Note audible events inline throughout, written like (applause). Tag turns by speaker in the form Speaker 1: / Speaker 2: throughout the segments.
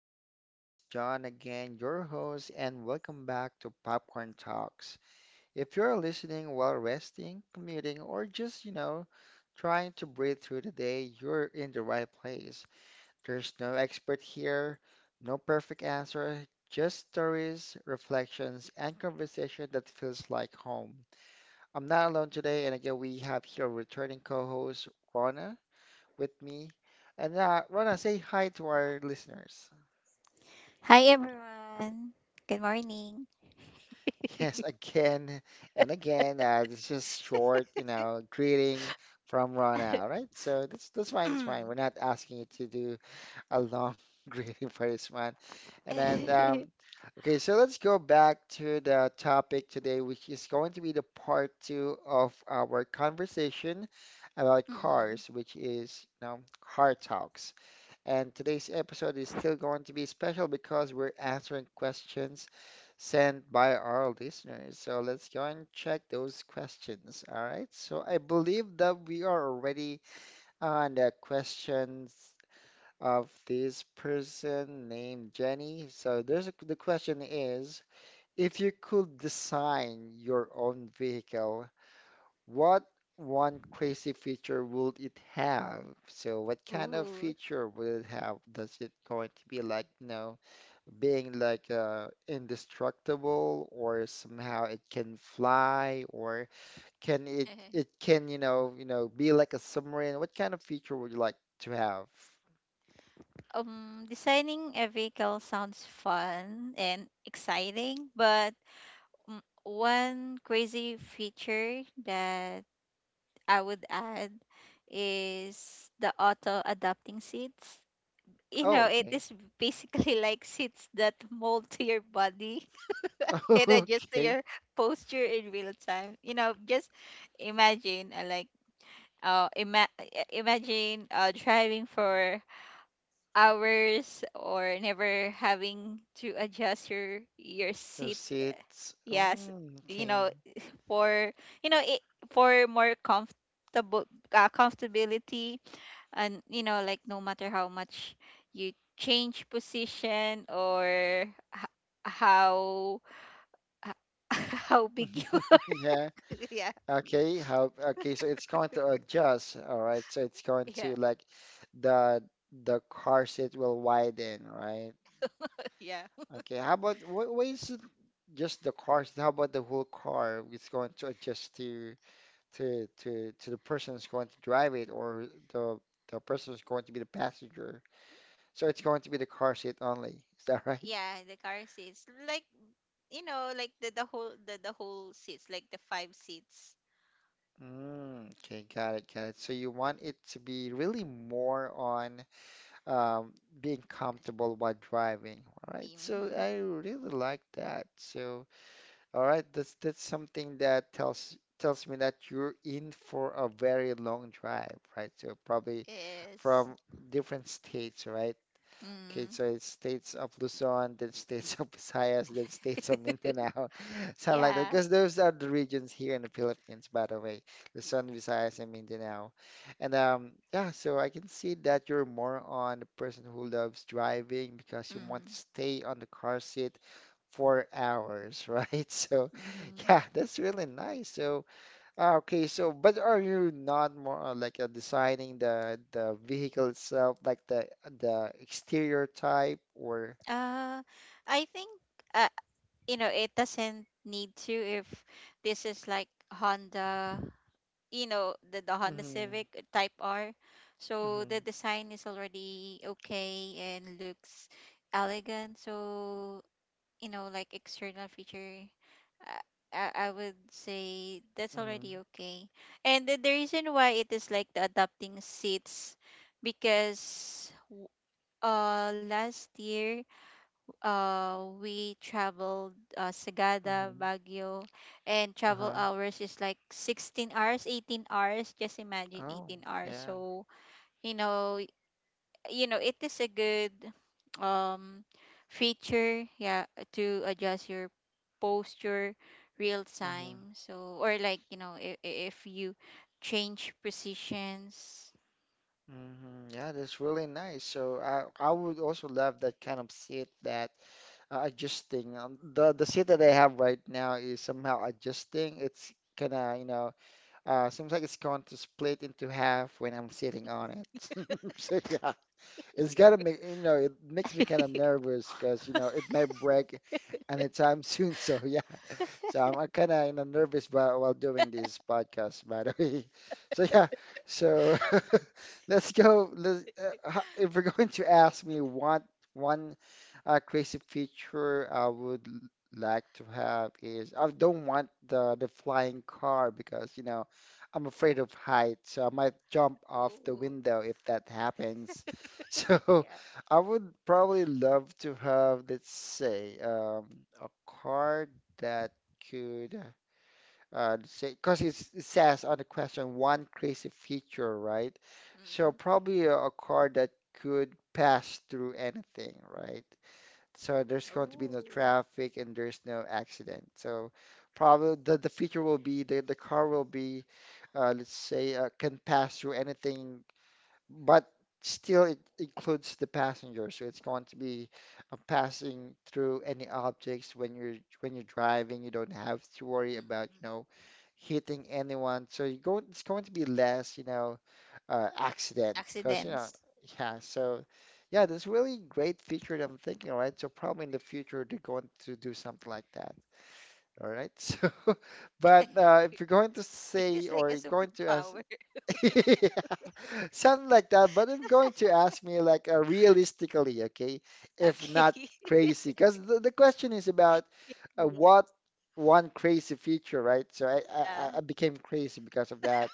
Speaker 1: everyone, this is John again, your host, and welcome back to Popcorn Talks. If you're listening while resting, commuting, or just, you know, trying to breathe through the day, you're in the right place. There's no expert here, no perfect answer, just stories, reflections, and conversation that feels like home. I'm not alone today, and again, we have here returning co-host Rona with me. And Rona, say hi to our listeners.
Speaker 2: Hi everyone. Good morning. (coughs)
Speaker 1: Yes, again and again. It's just short, you know, greeting from Rana, right? So that's fine. It's fine.
Speaker 2: Mm.
Speaker 1: We're not asking you to do a long (laughs) greeting for this one. And then, um,
Speaker 2: (laughs)
Speaker 1: okay, so let's go back to the topic today, which is going to be the part two of our conversation about
Speaker 2: Mm.
Speaker 1: cars, which is, you know, car talks. And today's episode is still going to be special because we're answering questions sent by our listeners. So let's go and check those questions. All right. So I believe that we are already on the questions of this person named Jenny. So the question is, if you could design your own vehicle, what one crazy feature would it have? So what kind of
Speaker 2: Ooh.
Speaker 1: feature will it have? Does it going to be like, you know, being like indestructible, or somehow it can fly, or can it it
Speaker 2: (laughs)
Speaker 1: can, you know, be like a submarine? What kind of feature would you like to have?
Speaker 2: Designing a vehicle sounds fun and exciting, but one crazy feature that I would add is the auto adapting seats. You
Speaker 1: Oh,
Speaker 2: know, it
Speaker 1: okay.
Speaker 2: is basically (laughs) like seats that mold to your body. (laughs) And adjust to
Speaker 1: (laughs) Okay.
Speaker 2: your posture in real time. You know, just imagine imagine driving for hours or never having to adjust your
Speaker 1: Your
Speaker 2: seat.
Speaker 1: seats.
Speaker 2: Yes,
Speaker 1: Mm,
Speaker 2: you
Speaker 1: okay.
Speaker 2: know, for you know it, for more comfortable comfortability. And you know, like no matter how much you change position or h- how (laughs) how big you
Speaker 1: (laughs) Yeah.
Speaker 2: (laughs) yeah,
Speaker 1: Okay, so it's going to adjust, all right? So it's going to
Speaker 2: yeah,
Speaker 1: like the the car seat will widen, right?
Speaker 2: yeah,
Speaker 1: Okay, how about wh why is it just the car seat? How about the whole car? It's going to adjust to to the person who's going to drive it, or the person who's going to be the passenger. So it's going to be the car seat only. Is that right?
Speaker 2: yeah. The car seats, like you know, like the the whole seats, like the five seats.
Speaker 1: Mm, okay, got it, got it. So you want it to be really more on um, being comfortable while driving. All right, so
Speaker 2: Mm-hmm.
Speaker 1: I really like that. So, all right, that's something that tells me that you're in for a very long drive, right? So probably
Speaker 2: Yes.
Speaker 1: from different states, right? Okay,
Speaker 2: Mm.
Speaker 1: so it's states of Luzon, then states of Visayas, then states of Mindanao, (laughs) something like that.
Speaker 2: Yeah.
Speaker 1: Because those are the regions here in the Philippines, by the way, Luzon, Visayas, and Mindanao. And Yeah, so I can see that you're more on the person who loves driving because you want to
Speaker 2: Mm.
Speaker 1: stay on the car seat for hours, (laughs) right? So
Speaker 2: Mm-hmm.
Speaker 1: yeah, that's really nice. So ah, okay, so but are you not more like designing the vehicle itself, like the exterior type, or?
Speaker 2: Uh, I think, uh, you know, it doesn't need to, if this is like Honda, you know, the Honda
Speaker 1: Mm-hmm,
Speaker 2: Civic Type R. So the
Speaker 1: mm-hmm,
Speaker 2: design is already okay and looks elegant. So you know, like external feature, uh, I would say that's
Speaker 1: mm-hmm,
Speaker 2: already okay. And the reason why it is like the adapting seats, because last year we traveled, Sagada
Speaker 1: mm-hmm.
Speaker 2: Baguio, and travel
Speaker 1: Uh-huh.
Speaker 2: hours is like 16 hours, 18 hours. Just imagine,
Speaker 1: Oh,
Speaker 2: 18 hours.
Speaker 1: yeah.
Speaker 2: So you know, it is a good um feature, yeah, to adjust your posture real
Speaker 1: Mm-hmm,
Speaker 2: time. So, or like you know, if you change positions.
Speaker 1: mm-hmm. Yeah, that's really nice. So I would also love that kind of seat that adjusting. The seat that I have right now is somehow adjusting. It's kind of you know seems like it's going to split into half when I'm sitting on it. (laughs) So yeah. It's gotta make you know it makes me kind of nervous because you know it may break anytime soon. (laughs) So yeah, so I'm kind of you know nervous while doing this podcast, by the way. (laughs) So yeah, so (laughs) let's go. Let's, if you're (laughs) going to ask me what one a crazy feature I would like to have is, I don't want the flying car because you know I'm afraid of heights, so I might jump off the
Speaker 2: Oh,
Speaker 1: window if that happens. (laughs)
Speaker 2: (laughs)
Speaker 1: So
Speaker 2: yeah.
Speaker 1: I would probably love to have, let's say, a car that could let's say, because it says on the question one crazy feature, right? So
Speaker 2: Mm.
Speaker 1: probably a car that could pass through anything, right? So there's going to be no
Speaker 2: Oh.
Speaker 1: traffic and there's no accident. So probably the feature will be the car will be, let's say, can pass through anything, but still it includes the passenger. So it's going to be passing through any objects when you're driving. You don't have to worry
Speaker 2: Mm,
Speaker 1: about,
Speaker 2: mm.
Speaker 1: you know, hitting anyone. So you go, it's going to be less, you know accident, because you know
Speaker 2: Accidents.
Speaker 1: yeah. So yeah, that's really great feature that I'm thinking. All right, so probably in the future they're going to do something like that. All right. (laughs) So but if you're going to
Speaker 2: (laughs) It
Speaker 1: say,
Speaker 2: is like
Speaker 1: or
Speaker 2: a
Speaker 1: you're going to ask,
Speaker 2: superpower. (laughs)
Speaker 1: (laughs) something like that. But if you're going to ask me like realistically, okay, if not
Speaker 2: Okay. (laughs)
Speaker 1: crazy, because the question is about
Speaker 2: Yeah.
Speaker 1: what one crazy feature, right? So I became crazy because of that.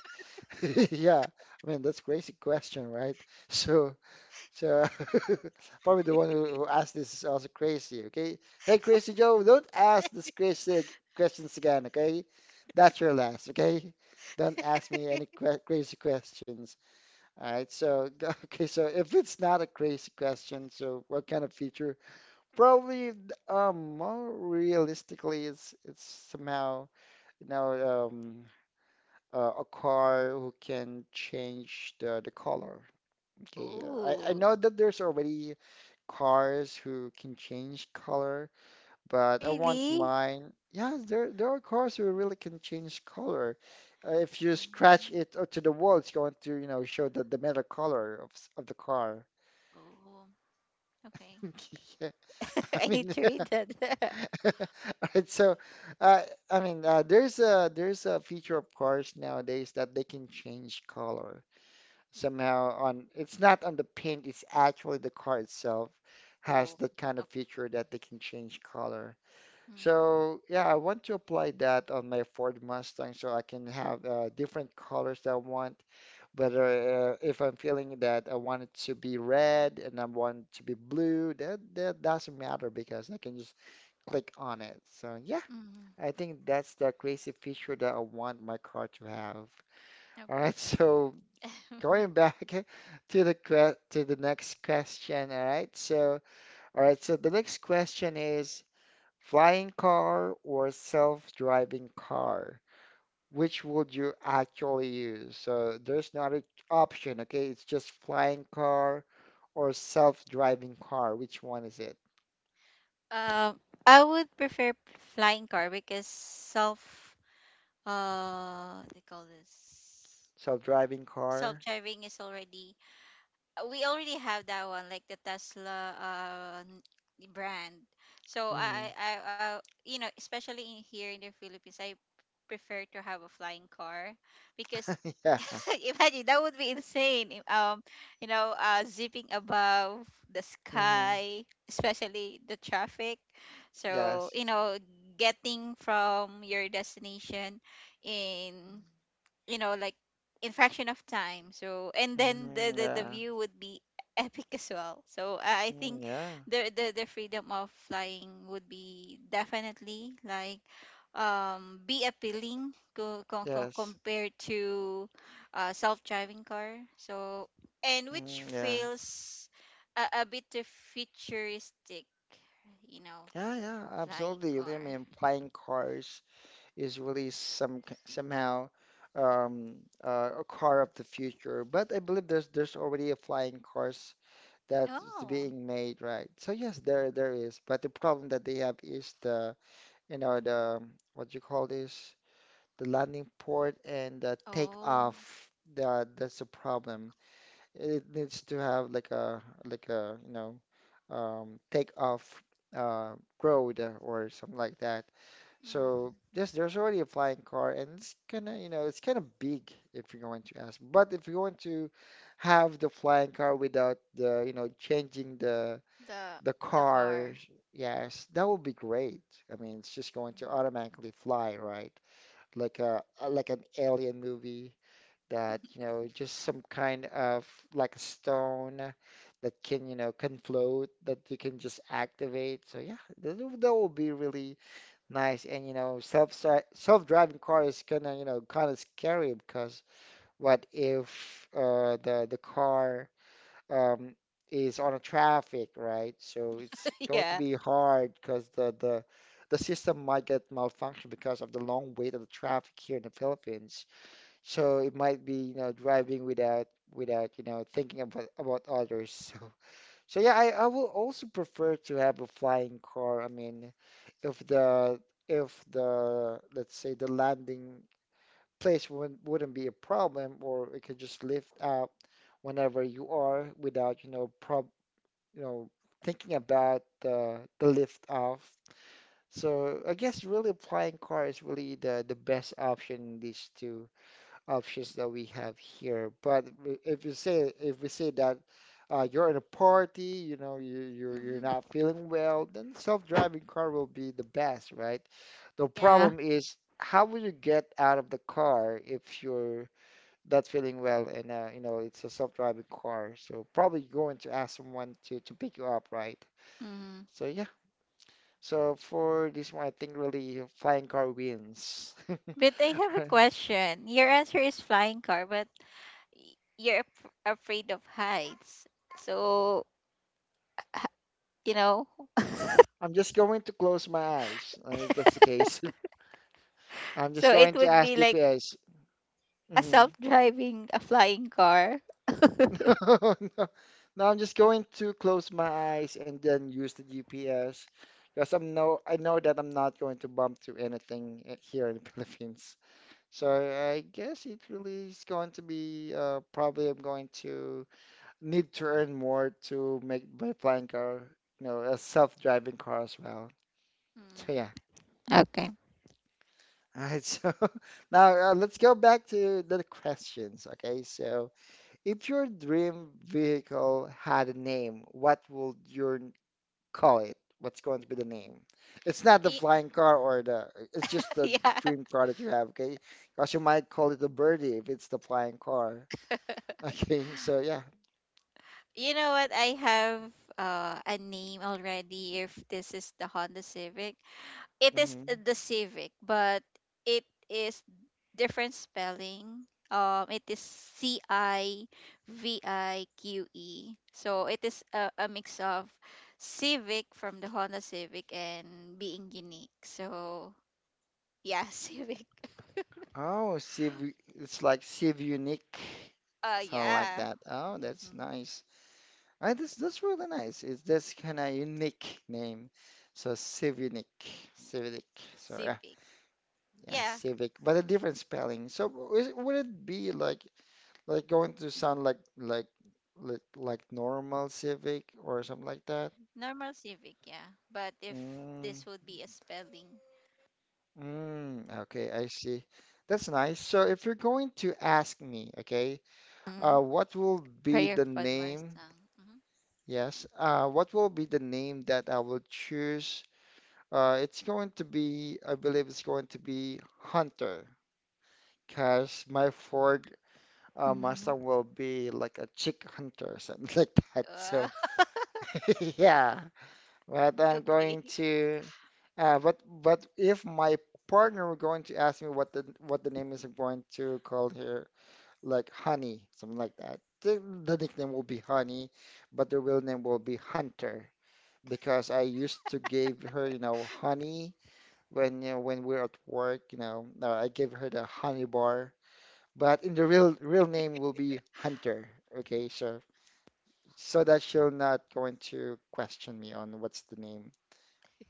Speaker 1: (laughs) Yeah, I mean, that's crazy question, right? So, so (laughs) probably the one who asked this is also crazy. Okay, hey Crazy Joe, don't ask questions again. Okay, that's your last. Okay, don't ask me any que crazy questions. All right. So, (laughs) Okay. So if it's not a crazy question, so what kind of feature? Probably, more realistically, it's somehow you know a car who can change the color. Okay, I
Speaker 2: Oh,
Speaker 1: know that there's already cars who can change color, but I want
Speaker 2: really?
Speaker 1: mine. Yeah, there are cars who really can change
Speaker 2: Mhm.
Speaker 1: color. If you scratch it to the wall, it's going to, you know, show the metal color of the car.
Speaker 2: Oh, okay.
Speaker 1: (laughs) Yeah,
Speaker 2: (laughs)
Speaker 1: I
Speaker 2: I need
Speaker 1: mean,
Speaker 2: to read that. (laughs)
Speaker 1: (laughs) right, so uh, I mean, there's a feature of cars nowadays that they can change color. Somehow on it's not on the paint, it's actually the car itself has
Speaker 2: Oh,
Speaker 1: that kind of
Speaker 2: okay.
Speaker 1: feature that they can change color. So
Speaker 2: Mm,
Speaker 1: yeah, I want to apply that on my Ford Mustang so I can have different colors that I want, whether if I'm feeling that I want it to be red and I want it to be blue, that that doesn't matter because I can just click on it. So yeah,
Speaker 2: mm,
Speaker 1: I think that's the crazy feature that I want my car to have. All
Speaker 2: okay.
Speaker 1: right. (laughs) So
Speaker 2: (laughs)
Speaker 1: going back (laughs) to the next question. All right. So, all right. So the next question is, flying car or self-driving car? Which would you actually use? So there's not an option. Okay. It's just flying car or self-driving car. Which one is it?
Speaker 2: I would prefer flying car. Because self they call this
Speaker 1: Self-driving
Speaker 2: self
Speaker 1: car?
Speaker 2: driving is already, we already have that one, like the Tesla brand. So
Speaker 1: Mm.
Speaker 2: I, you know, especially in here in the Philippines, I prefer to have a flying car. Because
Speaker 1: (laughs) Yeah.
Speaker 2: (laughs) imagine, that would be insane. If, You know, zipping above the
Speaker 1: Hmm.
Speaker 2: sky, especially the traffic. So
Speaker 1: Yes.
Speaker 2: you know, getting from your destination in, you know, like in fraction of time. So, and then
Speaker 1: Hmm.
Speaker 2: the the
Speaker 1: Yeah.
Speaker 2: view would be (laughs) epic as well. So I
Speaker 1: Mm,
Speaker 2: think
Speaker 1: yeah.
Speaker 2: the the freedom of flying would be definitely like, be appealing
Speaker 1: Yes.
Speaker 2: compared to self-driving car. So, and which
Speaker 1: Mm, yeah.
Speaker 2: feels a bit too futuristic, you know.
Speaker 1: Yeah, yeah,
Speaker 2: Flying
Speaker 1: absolutely. I
Speaker 2: car.
Speaker 1: mean, flying cars is really somehow um, a car of the future. But I believe there's already a flying cars that's
Speaker 2: Oh.
Speaker 1: being made, right? So yes, there is. But the problem that they have is the you know the what you call this, the landing port and the
Speaker 2: Oh.
Speaker 1: takeoff. The, that's the problem. It needs to have like a you know take off uh, road or something like that. So
Speaker 2: Mm,
Speaker 1: yes, there's already a flying car, and it's kind of you know it's kind of big if you're going to ask. But if you want to have the flying car without the you know changing the
Speaker 2: the
Speaker 1: car,
Speaker 2: car.
Speaker 1: yes, that would be great. I mean, it's just going to
Speaker 2: (laughs)
Speaker 1: automatically fly, right? Like a like an alien movie that, you know, just some kind of like a stone that can, you know, can float that you can just activate. So yeah, that will be really nice. And you know, self-driving car is kind of, you know, kind of scary because what if the car um, is on a traffic, right? So it's going to
Speaker 2: Yeah.
Speaker 1: be hard because the system might get malfunctioned because of the long wait of the traffic here in the Philippines. So it might be, you know, driving without you know, thinking about others. (laughs) So so yeah, I will also prefer to have a flying car. I mean, if the if the, let's say, the landing place wouldn't be a problem, or it could just lift up whenever you are without, you know, prob you know, thinking about the lift off. So I guess really a flying car is really the best option in these two options that we have here. But if you say, if we say that you're in a party, you know, you're not
Speaker 2: Mm-hmm.
Speaker 1: feeling well, then self-driving car will be the best, right? The
Speaker 2: Yeah.
Speaker 1: problem is how will you get out of the car if you're not feeling well, and you know it's a self-driving car? So probably you're going to ask someone to pick you up, right?
Speaker 2: Mm-hmm.
Speaker 1: So yeah. So for this one, I think really flying car wins.
Speaker 2: But I have a
Speaker 1: (laughs)
Speaker 2: question. Your answer is flying car, but you're afraid of heights. So, you know,
Speaker 1: I'm just going to close my eyes if that's the case. (laughs)
Speaker 2: (laughs)
Speaker 1: I'm just
Speaker 2: so
Speaker 1: going
Speaker 2: it
Speaker 1: to
Speaker 2: would
Speaker 1: ask
Speaker 2: be like
Speaker 1: GPS.
Speaker 2: a
Speaker 1: hmm
Speaker 2: self-driving a flying car.
Speaker 1: (laughs) Oh, no, now I'm just going to close my eyes and then use the GPS because I know that I'm not going to bump to anything here in the (laughs) Philippines. So I guess it really is going to be probably I'm going to need to earn more to make my flying car, a self-driving car as well. So
Speaker 2: Mm.
Speaker 1: yeah.
Speaker 2: Okay.
Speaker 1: All right, so (laughs) now let's go back to the questions. Okay, so if your dream vehicle had a name, what would your call it? What's going to be the name? It's not the
Speaker 2: Y-
Speaker 1: flying car or it's just
Speaker 2: (laughs)
Speaker 1: the
Speaker 2: yeah.
Speaker 1: dream car that you have, okay? Because you might call it a birdie if it's the flying car. (laughs) Okay, so yeah.
Speaker 2: You know what? I have, a name already if this is the Honda Civic. It is
Speaker 1: hmm
Speaker 2: the Civic, but it is different spelling. It is CIVIQE. So it is a, mix of Civic from the Honda Civic and being unique. So yeah, (laughs) Civic.
Speaker 1: Oh, Civ, it's like Civ Unique, something like
Speaker 2: Yeah.
Speaker 1: that. Oh, that's
Speaker 2: Mm-hmm.
Speaker 1: nice. I this really nice. It's this kind of unique name. So Civic, Civic. So
Speaker 2: Civic.
Speaker 1: yeah,
Speaker 2: Yeah,
Speaker 1: Civic, but a different spelling. So would it be like like going to sound like normal Civic or something like that?
Speaker 2: normal Civic. Yeah, but if
Speaker 1: Mm,
Speaker 2: this would be a spelling.
Speaker 1: okay, I see. That's nice. So if you're going to ask me, okay,
Speaker 2: Mm-hmm.
Speaker 1: what will be
Speaker 2: Prayer
Speaker 1: the
Speaker 2: for the Mars
Speaker 1: name?
Speaker 2: song.
Speaker 1: Yes, what will be the name that I will choose? It's going to be, I believe it's going to be Hunter, because my Ford
Speaker 2: Mm-hmm.
Speaker 1: Mustang
Speaker 2: Mm-hmm.
Speaker 1: will be like a chick hunter or something (laughs) like that.
Speaker 2: Uh,
Speaker 1: So (laughs) yeah, but
Speaker 2: (laughs)
Speaker 1: I'm
Speaker 2: okay.
Speaker 1: going to, but if my partner were going to ask me what the name is, I'm going to call her like Honey, something like that. The nickname will be Honey, but the real name will be Hunter because I used to give her, you know, honey when when we're at work, I give her the honey bar, but in the real name will be Hunter. Okay, so so that she'll not going to question me on what's the name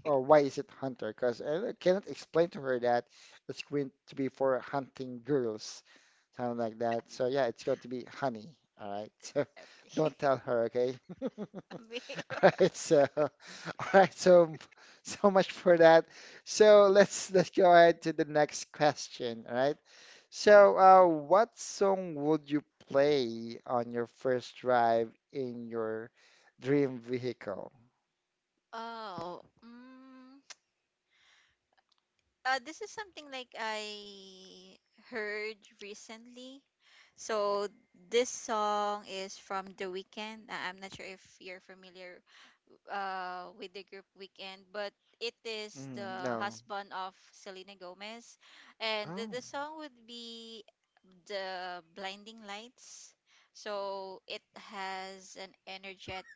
Speaker 1: or why is it Hunter? Because I cannot explain to her that it's going to be for hunting girls, something like that. So yeah, it's going to be honey. All right, (laughs) so don't
Speaker 2: (laughs)
Speaker 1: tell her, okay? (laughs)
Speaker 2: Me-
Speaker 1: (laughs) All right, so (laughs) all right, so so much for that. So let's go ahead to the next question. All right. So what song would you play on your first drive in your dream vehicle?
Speaker 2: oh, this is something like I heard recently. So this song is from The Weeknd. I'm not sure if you're familiar with the group Weekend, but it is
Speaker 1: Mm,
Speaker 2: the
Speaker 1: no.
Speaker 2: husband of Selena Gomez, and the
Speaker 1: Oh.
Speaker 2: song would be the Blinding Lights. So it has an energetic,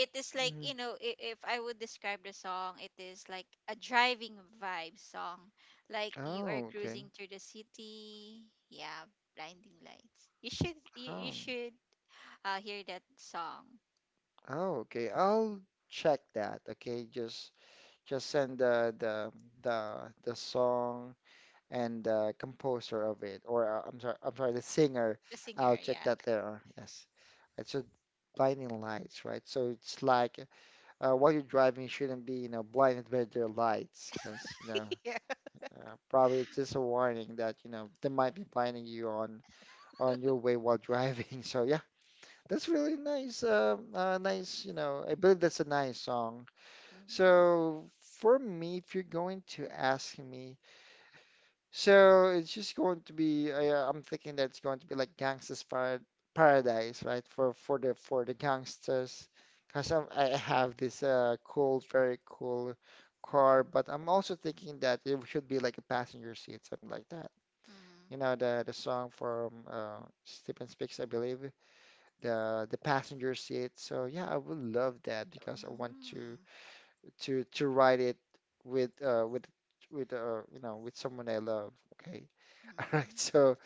Speaker 2: it is like
Speaker 1: Mm.
Speaker 2: you know, if I would describe the song, it is like a driving vibe song, like you are
Speaker 1: Oh, okay.
Speaker 2: cruising through the city. Yeah, blinding lights, you should you
Speaker 1: Oh.
Speaker 2: should hear that song.
Speaker 1: Oh, okay. I'll check that. Okay, just send the song and composer of it, or I'm sorry, the singer.
Speaker 2: The
Speaker 1: I'll
Speaker 2: singer,
Speaker 1: check
Speaker 2: yeah.
Speaker 1: that later. Yes, it's so blinding lights, right? So it's like while you're driving, you shouldn't be, you know, blinded by their lights, because you know,
Speaker 2: (laughs) Yeah.
Speaker 1: probably it's just a warning that you know they might be blinding you on your way while driving. (laughs) So yeah, that's really nice. Nice, you know, I believe that's a nice song.
Speaker 2: Mm-hmm.
Speaker 1: So for me, if you're going to ask me. So it's just going to be. I'm thinking that it's going to be like Gangsta's Paradise, right? For the gangsters, because I have this cool, very cool car, but I'm also thinking that it should be like a passenger seat, something like that. You know the song from Stephen Speaks, I believe, the passenger seat. So yeah, I would love that because I want to to write it with you know with someone I love. Okay. (laughs) All
Speaker 2: Mm-hmm.
Speaker 1: right. So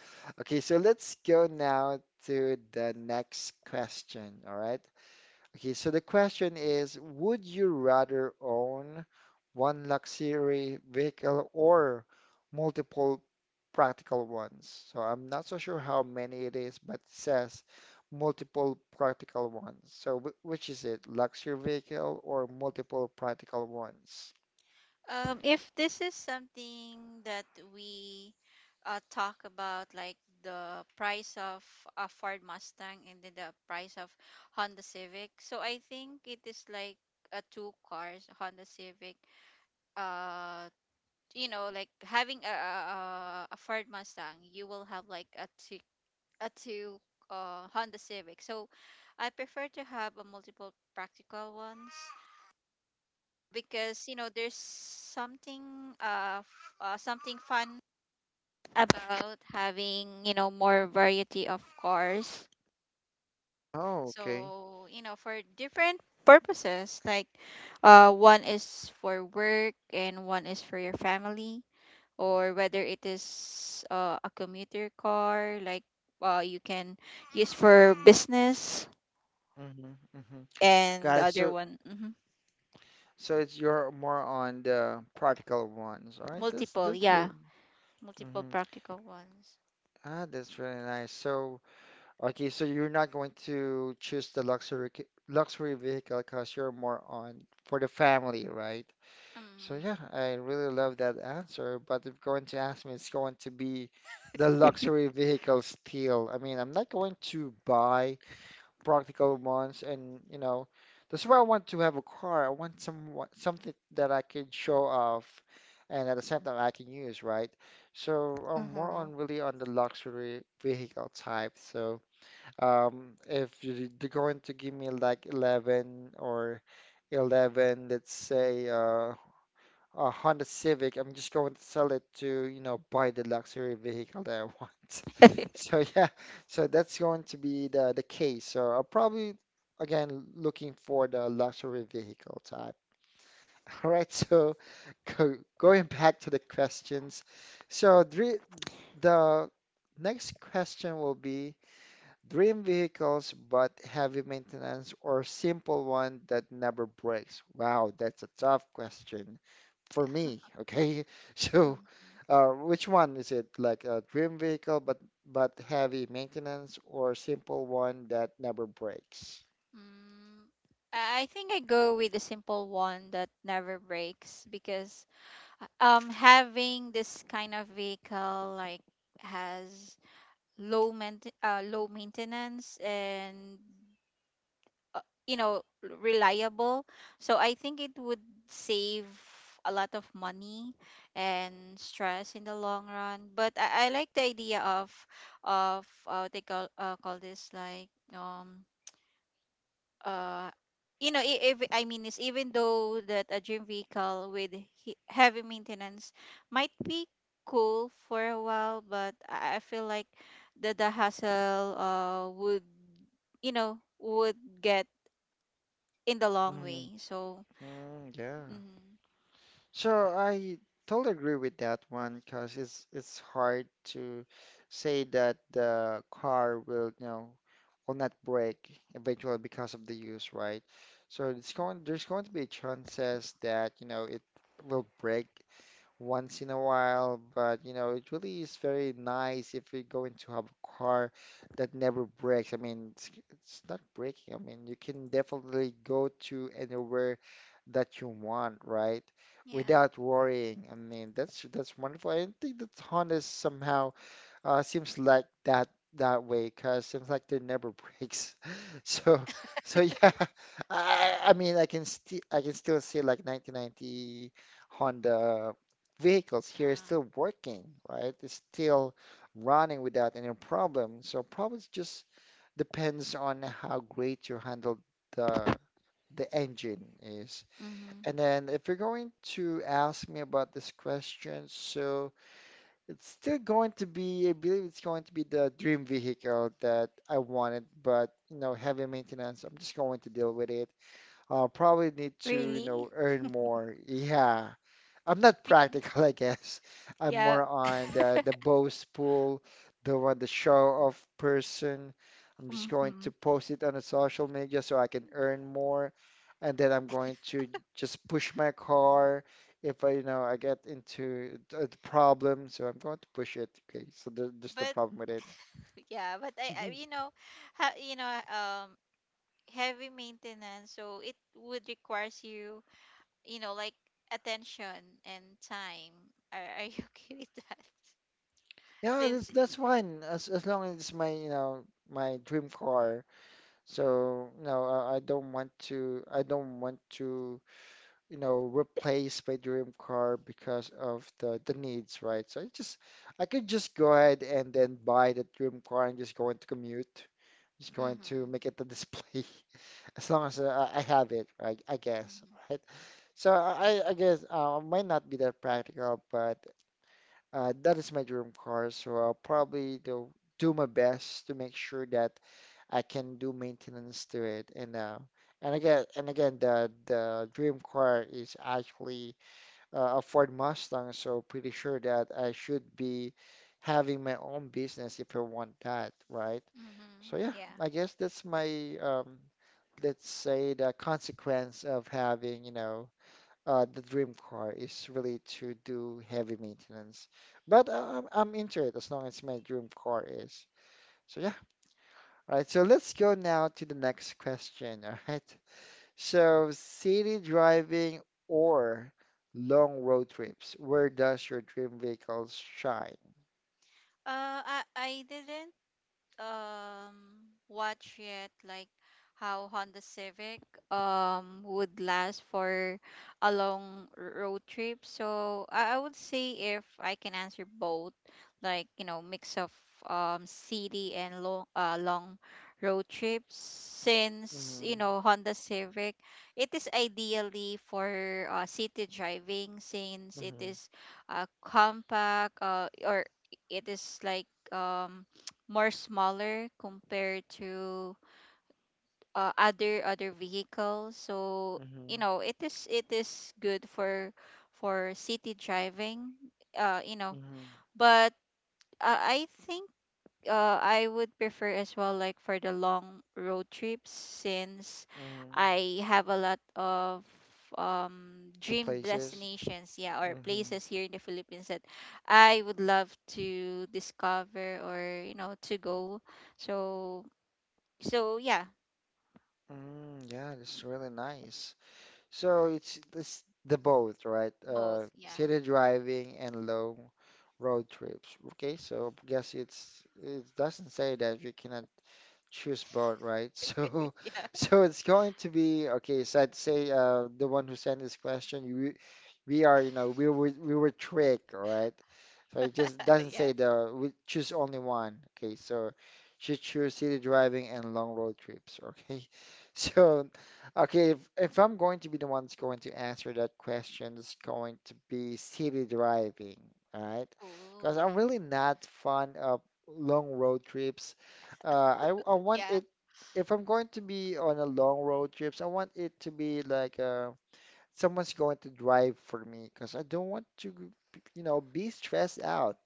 Speaker 1: okay, so let's go now to the next question. All right. Okay, so the question is, would you rather own one luxury vehicle or multiple practical ones? So I'm not so sure how many it is, but it says multiple practical ones. So which is it, luxury vehicle or multiple practical ones?
Speaker 2: If this is something that we talk about, like the price of a Ford Mustang and then the price of Honda Civic, so I think it is like a two cars Honda Civic. Uh, you know, like having a Ford Mustang, you will have like a two, a two Honda Civic. So I prefer to have a multiple practical ones because you know, there's something something fun about having, you know, more variety of cars.
Speaker 1: Oh, okay.
Speaker 2: So, you know, for different purposes, like one is for work and one is for your family, or whether it is, a commuter car, like you can use for business.
Speaker 1: Mm-hmm, mm-hmm.
Speaker 2: And
Speaker 1: Got
Speaker 2: the
Speaker 1: it.
Speaker 2: other
Speaker 1: So,
Speaker 2: one, mhm,
Speaker 1: so it's you're more on the practical ones. All right.
Speaker 2: multiple,
Speaker 1: That's
Speaker 2: yeah,
Speaker 1: really.
Speaker 2: multiple
Speaker 1: Mm-hmm.
Speaker 2: practical ones.
Speaker 1: Ah, that's really nice. So, okay, so you're not going to choose the luxury vehicle because you're more on for the family, right? So
Speaker 2: Mm.
Speaker 1: yeah, I really love that answer. But if going to ask me, it's going to be the luxury vehicle still. I mean, I'm not going to buy practical ones, and you know, that's why I want to have a car. I want some something that I can show off, and at the same time I can use, right? So I'm more
Speaker 2: Mm-hmm.
Speaker 1: on really on the luxury vehicle type. So. If they're going to give me like 11 or 11, let's say a Honda Civic, I'm just going to sell it to, you know, buy the luxury vehicle that I want. (laughs)
Speaker 2: (laughs)
Speaker 1: So yeah, so that's going to be the case. So I'll probably again looking for the luxury vehicle type. (laughs) All right, so (laughs) going back to the questions. So the next question will be. Dream vehicles, but heavy maintenance or simple one that never breaks? Wow, that's a tough question for me. Okay, (laughs) so
Speaker 2: Mm,
Speaker 1: which one is it? Like a dream vehicle, but heavy maintenance or simple one that never breaks?
Speaker 2: mm, I think I go with the simple one that never breaks. Because having this kind of vehicle, like, has low maintenance and, you know, reliable. So I think it would save a lot of money and stress in the long run. But I like the idea of what they call, call this like uh you know, I- if I mean, is even though that a dream vehicle with heavy maintenance might be cool for a while, but I feel like the hassle would, you know, would get in the long
Speaker 1: Mhm.
Speaker 2: way. So
Speaker 1: Yeah.
Speaker 2: mm-hmm.
Speaker 1: So I totally agree with that one because it's hard to say that the car will, you know, will not break eventually because of the use, right? So it's going there's going to be chances that, you know, it will break once in a while, but you know, it really is very nice if you're going to have a car that never breaks. I mean, it's not breaking. I mean, you can definitely go to anywhere that you want, right?
Speaker 2: Yeah.
Speaker 1: Without worrying. I mean, that's wonderful. I think that Honda is somehow seems like that that way, 'cause seems like they never breaks. (laughs) So, so yeah, (laughs) I mean, I can still I can still see like 1990 Honda vehicles here
Speaker 2: Uh.
Speaker 1: still working, right? It's still running without any problem. So probably it's just depends on how great you handle the the engine is.
Speaker 2: Mm-hmm.
Speaker 1: And then if you're going to ask me about this question, so. It's still going to be, I believe it's going to be the dream vehicle that I wanted, but you know, heavy maintenance, I'm just going to deal with it. I'll probably need to, you
Speaker 2: Really?
Speaker 1: know, earn more. Yeah. I'm not
Speaker 2: Bec-
Speaker 1: practical, (laughs) I guess. I'm
Speaker 2: yeah.
Speaker 1: more on the boastful, the one the show off person. I'm just going
Speaker 2: Mm-hmm.
Speaker 1: to post it on the social media so I can earn more, and then I'm going to just push my car if you know, I get into a problem. So I'm going to push it. Okay, so there, there's the
Speaker 2: But
Speaker 1: problem with it.
Speaker 2: yeah, but I, you know, you know, heavy maintenance, so it would requires you, you know, like attention and time. Are you (laughs) okay with that?
Speaker 1: Yeah,
Speaker 2: Since,
Speaker 1: that's fine as long as it's my, you know, my dream car. So no, I don't want to. You know, replaced my dream car because of the needs, right? So I just I could just go ahead and then buy the dream car and just going to commute. Just going to
Speaker 2: mm-hmm,
Speaker 1: make it the display (laughs) as long as I have it, right? I guess,
Speaker 2: mm-hmm,
Speaker 1: right? So I guess might not be that practical, but that is my dream car. So I'll probably do my best to make sure that I can do maintenance to it and again the dream car is actually a Ford Mustang, so pretty sure that I should be having my own business if I want that, right?
Speaker 2: mm-hmm,
Speaker 1: So yeah,
Speaker 2: yeah.
Speaker 1: I guess that's my let's say the consequence of having, you know, the dream car is really to do heavy maintenance. But I'm into it as long as my dream car is. So yeah, all right. So let's go now to the next question. (laughs) All right. So, city driving or long road trips, where does your dream vehicle shine?
Speaker 2: I didn't um watch yet, like, how Honda Civic would last for a long road trip. So I would say, if I can answer both, like you know, mix of city and long long road trips, since
Speaker 1: Mm-hmm.
Speaker 2: you know Honda Civic, it is ideally for city driving since it
Speaker 1: Mm-hmm.
Speaker 2: is compact, or it is like um more smaller compared to other vehicles. So you
Speaker 1: Mm-hmm.
Speaker 2: know, it is good for city driving, you know.
Speaker 1: Mm-hmm.
Speaker 2: But I think, I would prefer as well, like, for the long road trips. Since
Speaker 1: Mm-hmm.
Speaker 2: I have a lot of dream
Speaker 1: Places?
Speaker 2: destinations, yeah, or
Speaker 1: Mm-hmm.
Speaker 2: places here in the Philippines that I would love to discover, or you know, to go. So, yeah.
Speaker 1: Mm, yeah, that's really nice. So it's this the both, right?
Speaker 2: Both, yeah.
Speaker 1: City driving and long road trips. Okay, so I guess it's it doesn't say that you cannot choose both, right? (laughs) So,
Speaker 2: (laughs) yeah,
Speaker 1: so it's going to be okay. So I'd say the one who sent this question, you, we are, you know, we were tricked, all right? So it just
Speaker 2: yeah,
Speaker 1: doesn't say the we choose only one. Okay, so should choose city driving and long road trips. Okay, (laughs) so okay, if I'm going to be the one that's going to answer that question, it's going to be city driving. All right, because
Speaker 2: oh
Speaker 1: I'm really not fond of long road trips. Uh, I want
Speaker 2: yeah.
Speaker 1: it if I'm going to be on a long road trips. I want it to be like someone's going to drive for me, because I don't want to, you know, be stressed out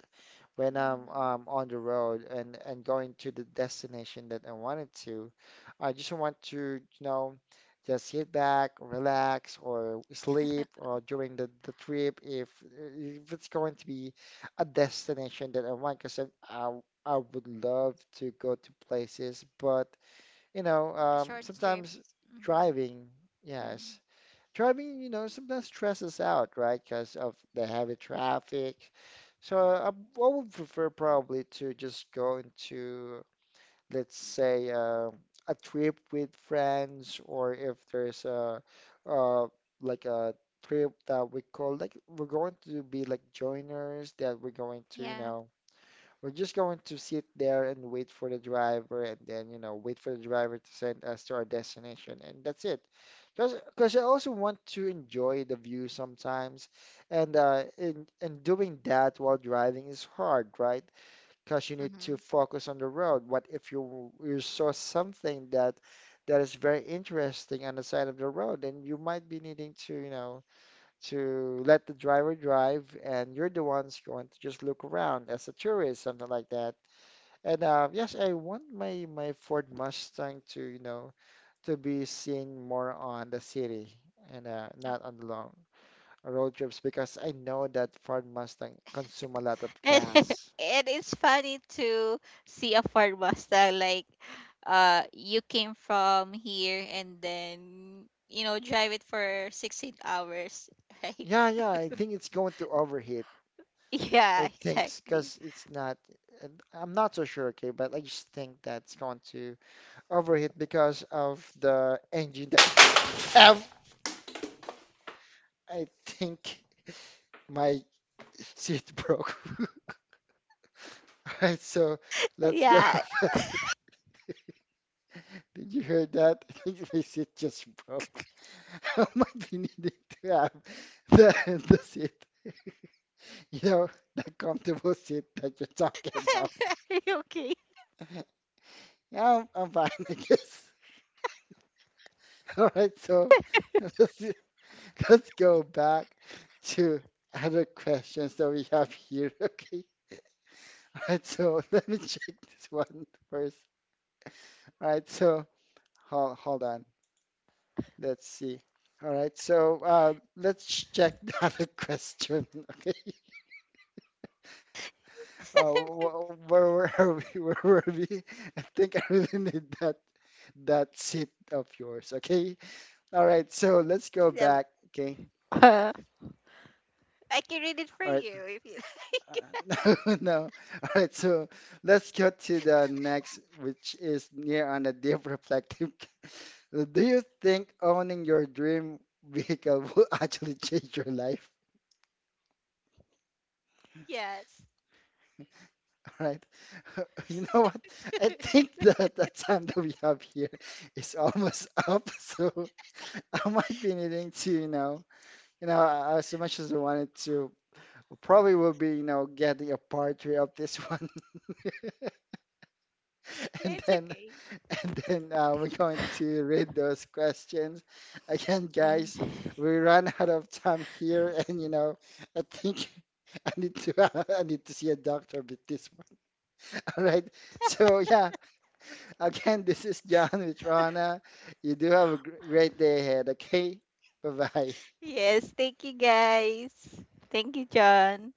Speaker 1: when I'm
Speaker 2: Mm-hmm.
Speaker 1: on the road and, going to the destination that I wanted to. I just want to, you know, just sit back, relax, or sleep, or during the trip if it's going to be a destination that I want, because I I would love to go to places, but you know,
Speaker 2: A short strip.
Speaker 1: sometimes
Speaker 2: Mm-hmm.
Speaker 1: driving,
Speaker 2: Mm-hmm.
Speaker 1: yes, driving, you know, sometimes stresses out, right? Because of the heavy traffic. So I would prefer probably to just go into, let's say, a trip with friends, or if there's a, uh, like a trip that we call like we're going to be like joiners that we're going to, you
Speaker 2: Yeah.
Speaker 1: know, we're just going to sit there and wait for the driver, and then, you know, wait for the driver to send us to our destination, and that's it. Because I also want to enjoy the view sometimes, and in and doing that while driving is hard, right? Because you need to
Speaker 2: Mm-hmm.
Speaker 1: focus on the road. What if you saw something that that is very interesting on the side of the road, and you might be needing to, you know, to let the driver drive, and you're the ones going to just look around as a tourist, something like that. And yes, I want my Ford Mustang to, you know, to be seen more on the city and
Speaker 2: Oh. (laughs)
Speaker 1: not on the long road trips, because I know that Ford Mustang consume a lot of
Speaker 2: And,
Speaker 1: gas.
Speaker 2: and it's funny to see a Ford Mustang, like, you came from here and then, you know, drive it for 16 hours, (laughs) right?
Speaker 1: Yeah, yeah, I think it's going to overheat.
Speaker 2: Yeah,
Speaker 1: I think
Speaker 2: exactly.
Speaker 1: because it's not, and I'm not so sure, okay, but I just think that's going to overheat because of the engine that we have. I think my seat broke. (laughs) All right, so let's go.
Speaker 2: Yeah.
Speaker 1: (laughs) Did you hear that? I think my seat just broke. (laughs) I might be needing to have (laughs) the seat, you know, the comfortable seat that you're talking about.
Speaker 2: (laughs) Are you okay?
Speaker 1: (laughs) Yeah, I'm fine, I guess. (laughs) All right, so let's, let's go back to other questions that we have here, (laughs) okay? All right, so (laughs) let me check this one first. All right, so hold on. Let's see. All right. So let's check (laughs) the other question. (laughs) Okay.
Speaker 2: (laughs)
Speaker 1: Where were we? (laughs) Where were we? I think I really (laughs) need that that seat of yours. Okay. All right. So let's go
Speaker 2: Yeah.
Speaker 1: back. Okay.
Speaker 2: Uh, I can read it for
Speaker 1: All right.
Speaker 2: you if you (laughs)
Speaker 1: (laughs) No, no. All right. So let's go to the next, which is near on a deep reflective. (laughs) Do you think owning your dream vehicle (laughs) will actually change your life?
Speaker 2: Yes.
Speaker 1: Right? (laughs) You know what? I think that the time that we have here is almost (laughs) up, so (laughs) I might be needing to, you know, as much as I wanted to, probably will be, you know, getting a part 3 of this one, (laughs)
Speaker 2: Yeah,
Speaker 1: and
Speaker 2: it's
Speaker 1: then
Speaker 2: okay.
Speaker 1: and then we're going to read those questions again, guys.
Speaker 2: Mm.
Speaker 1: We ran out of time here, (laughs) and you know, I think (laughs) I need to (laughs) I need to see a doctor with this one. (laughs) All right, so yeah. (laughs) Again, this is John with Rana. You do have a great day ahead, okay? Bye bye.
Speaker 2: Yes, thank you guys. Thank you, John.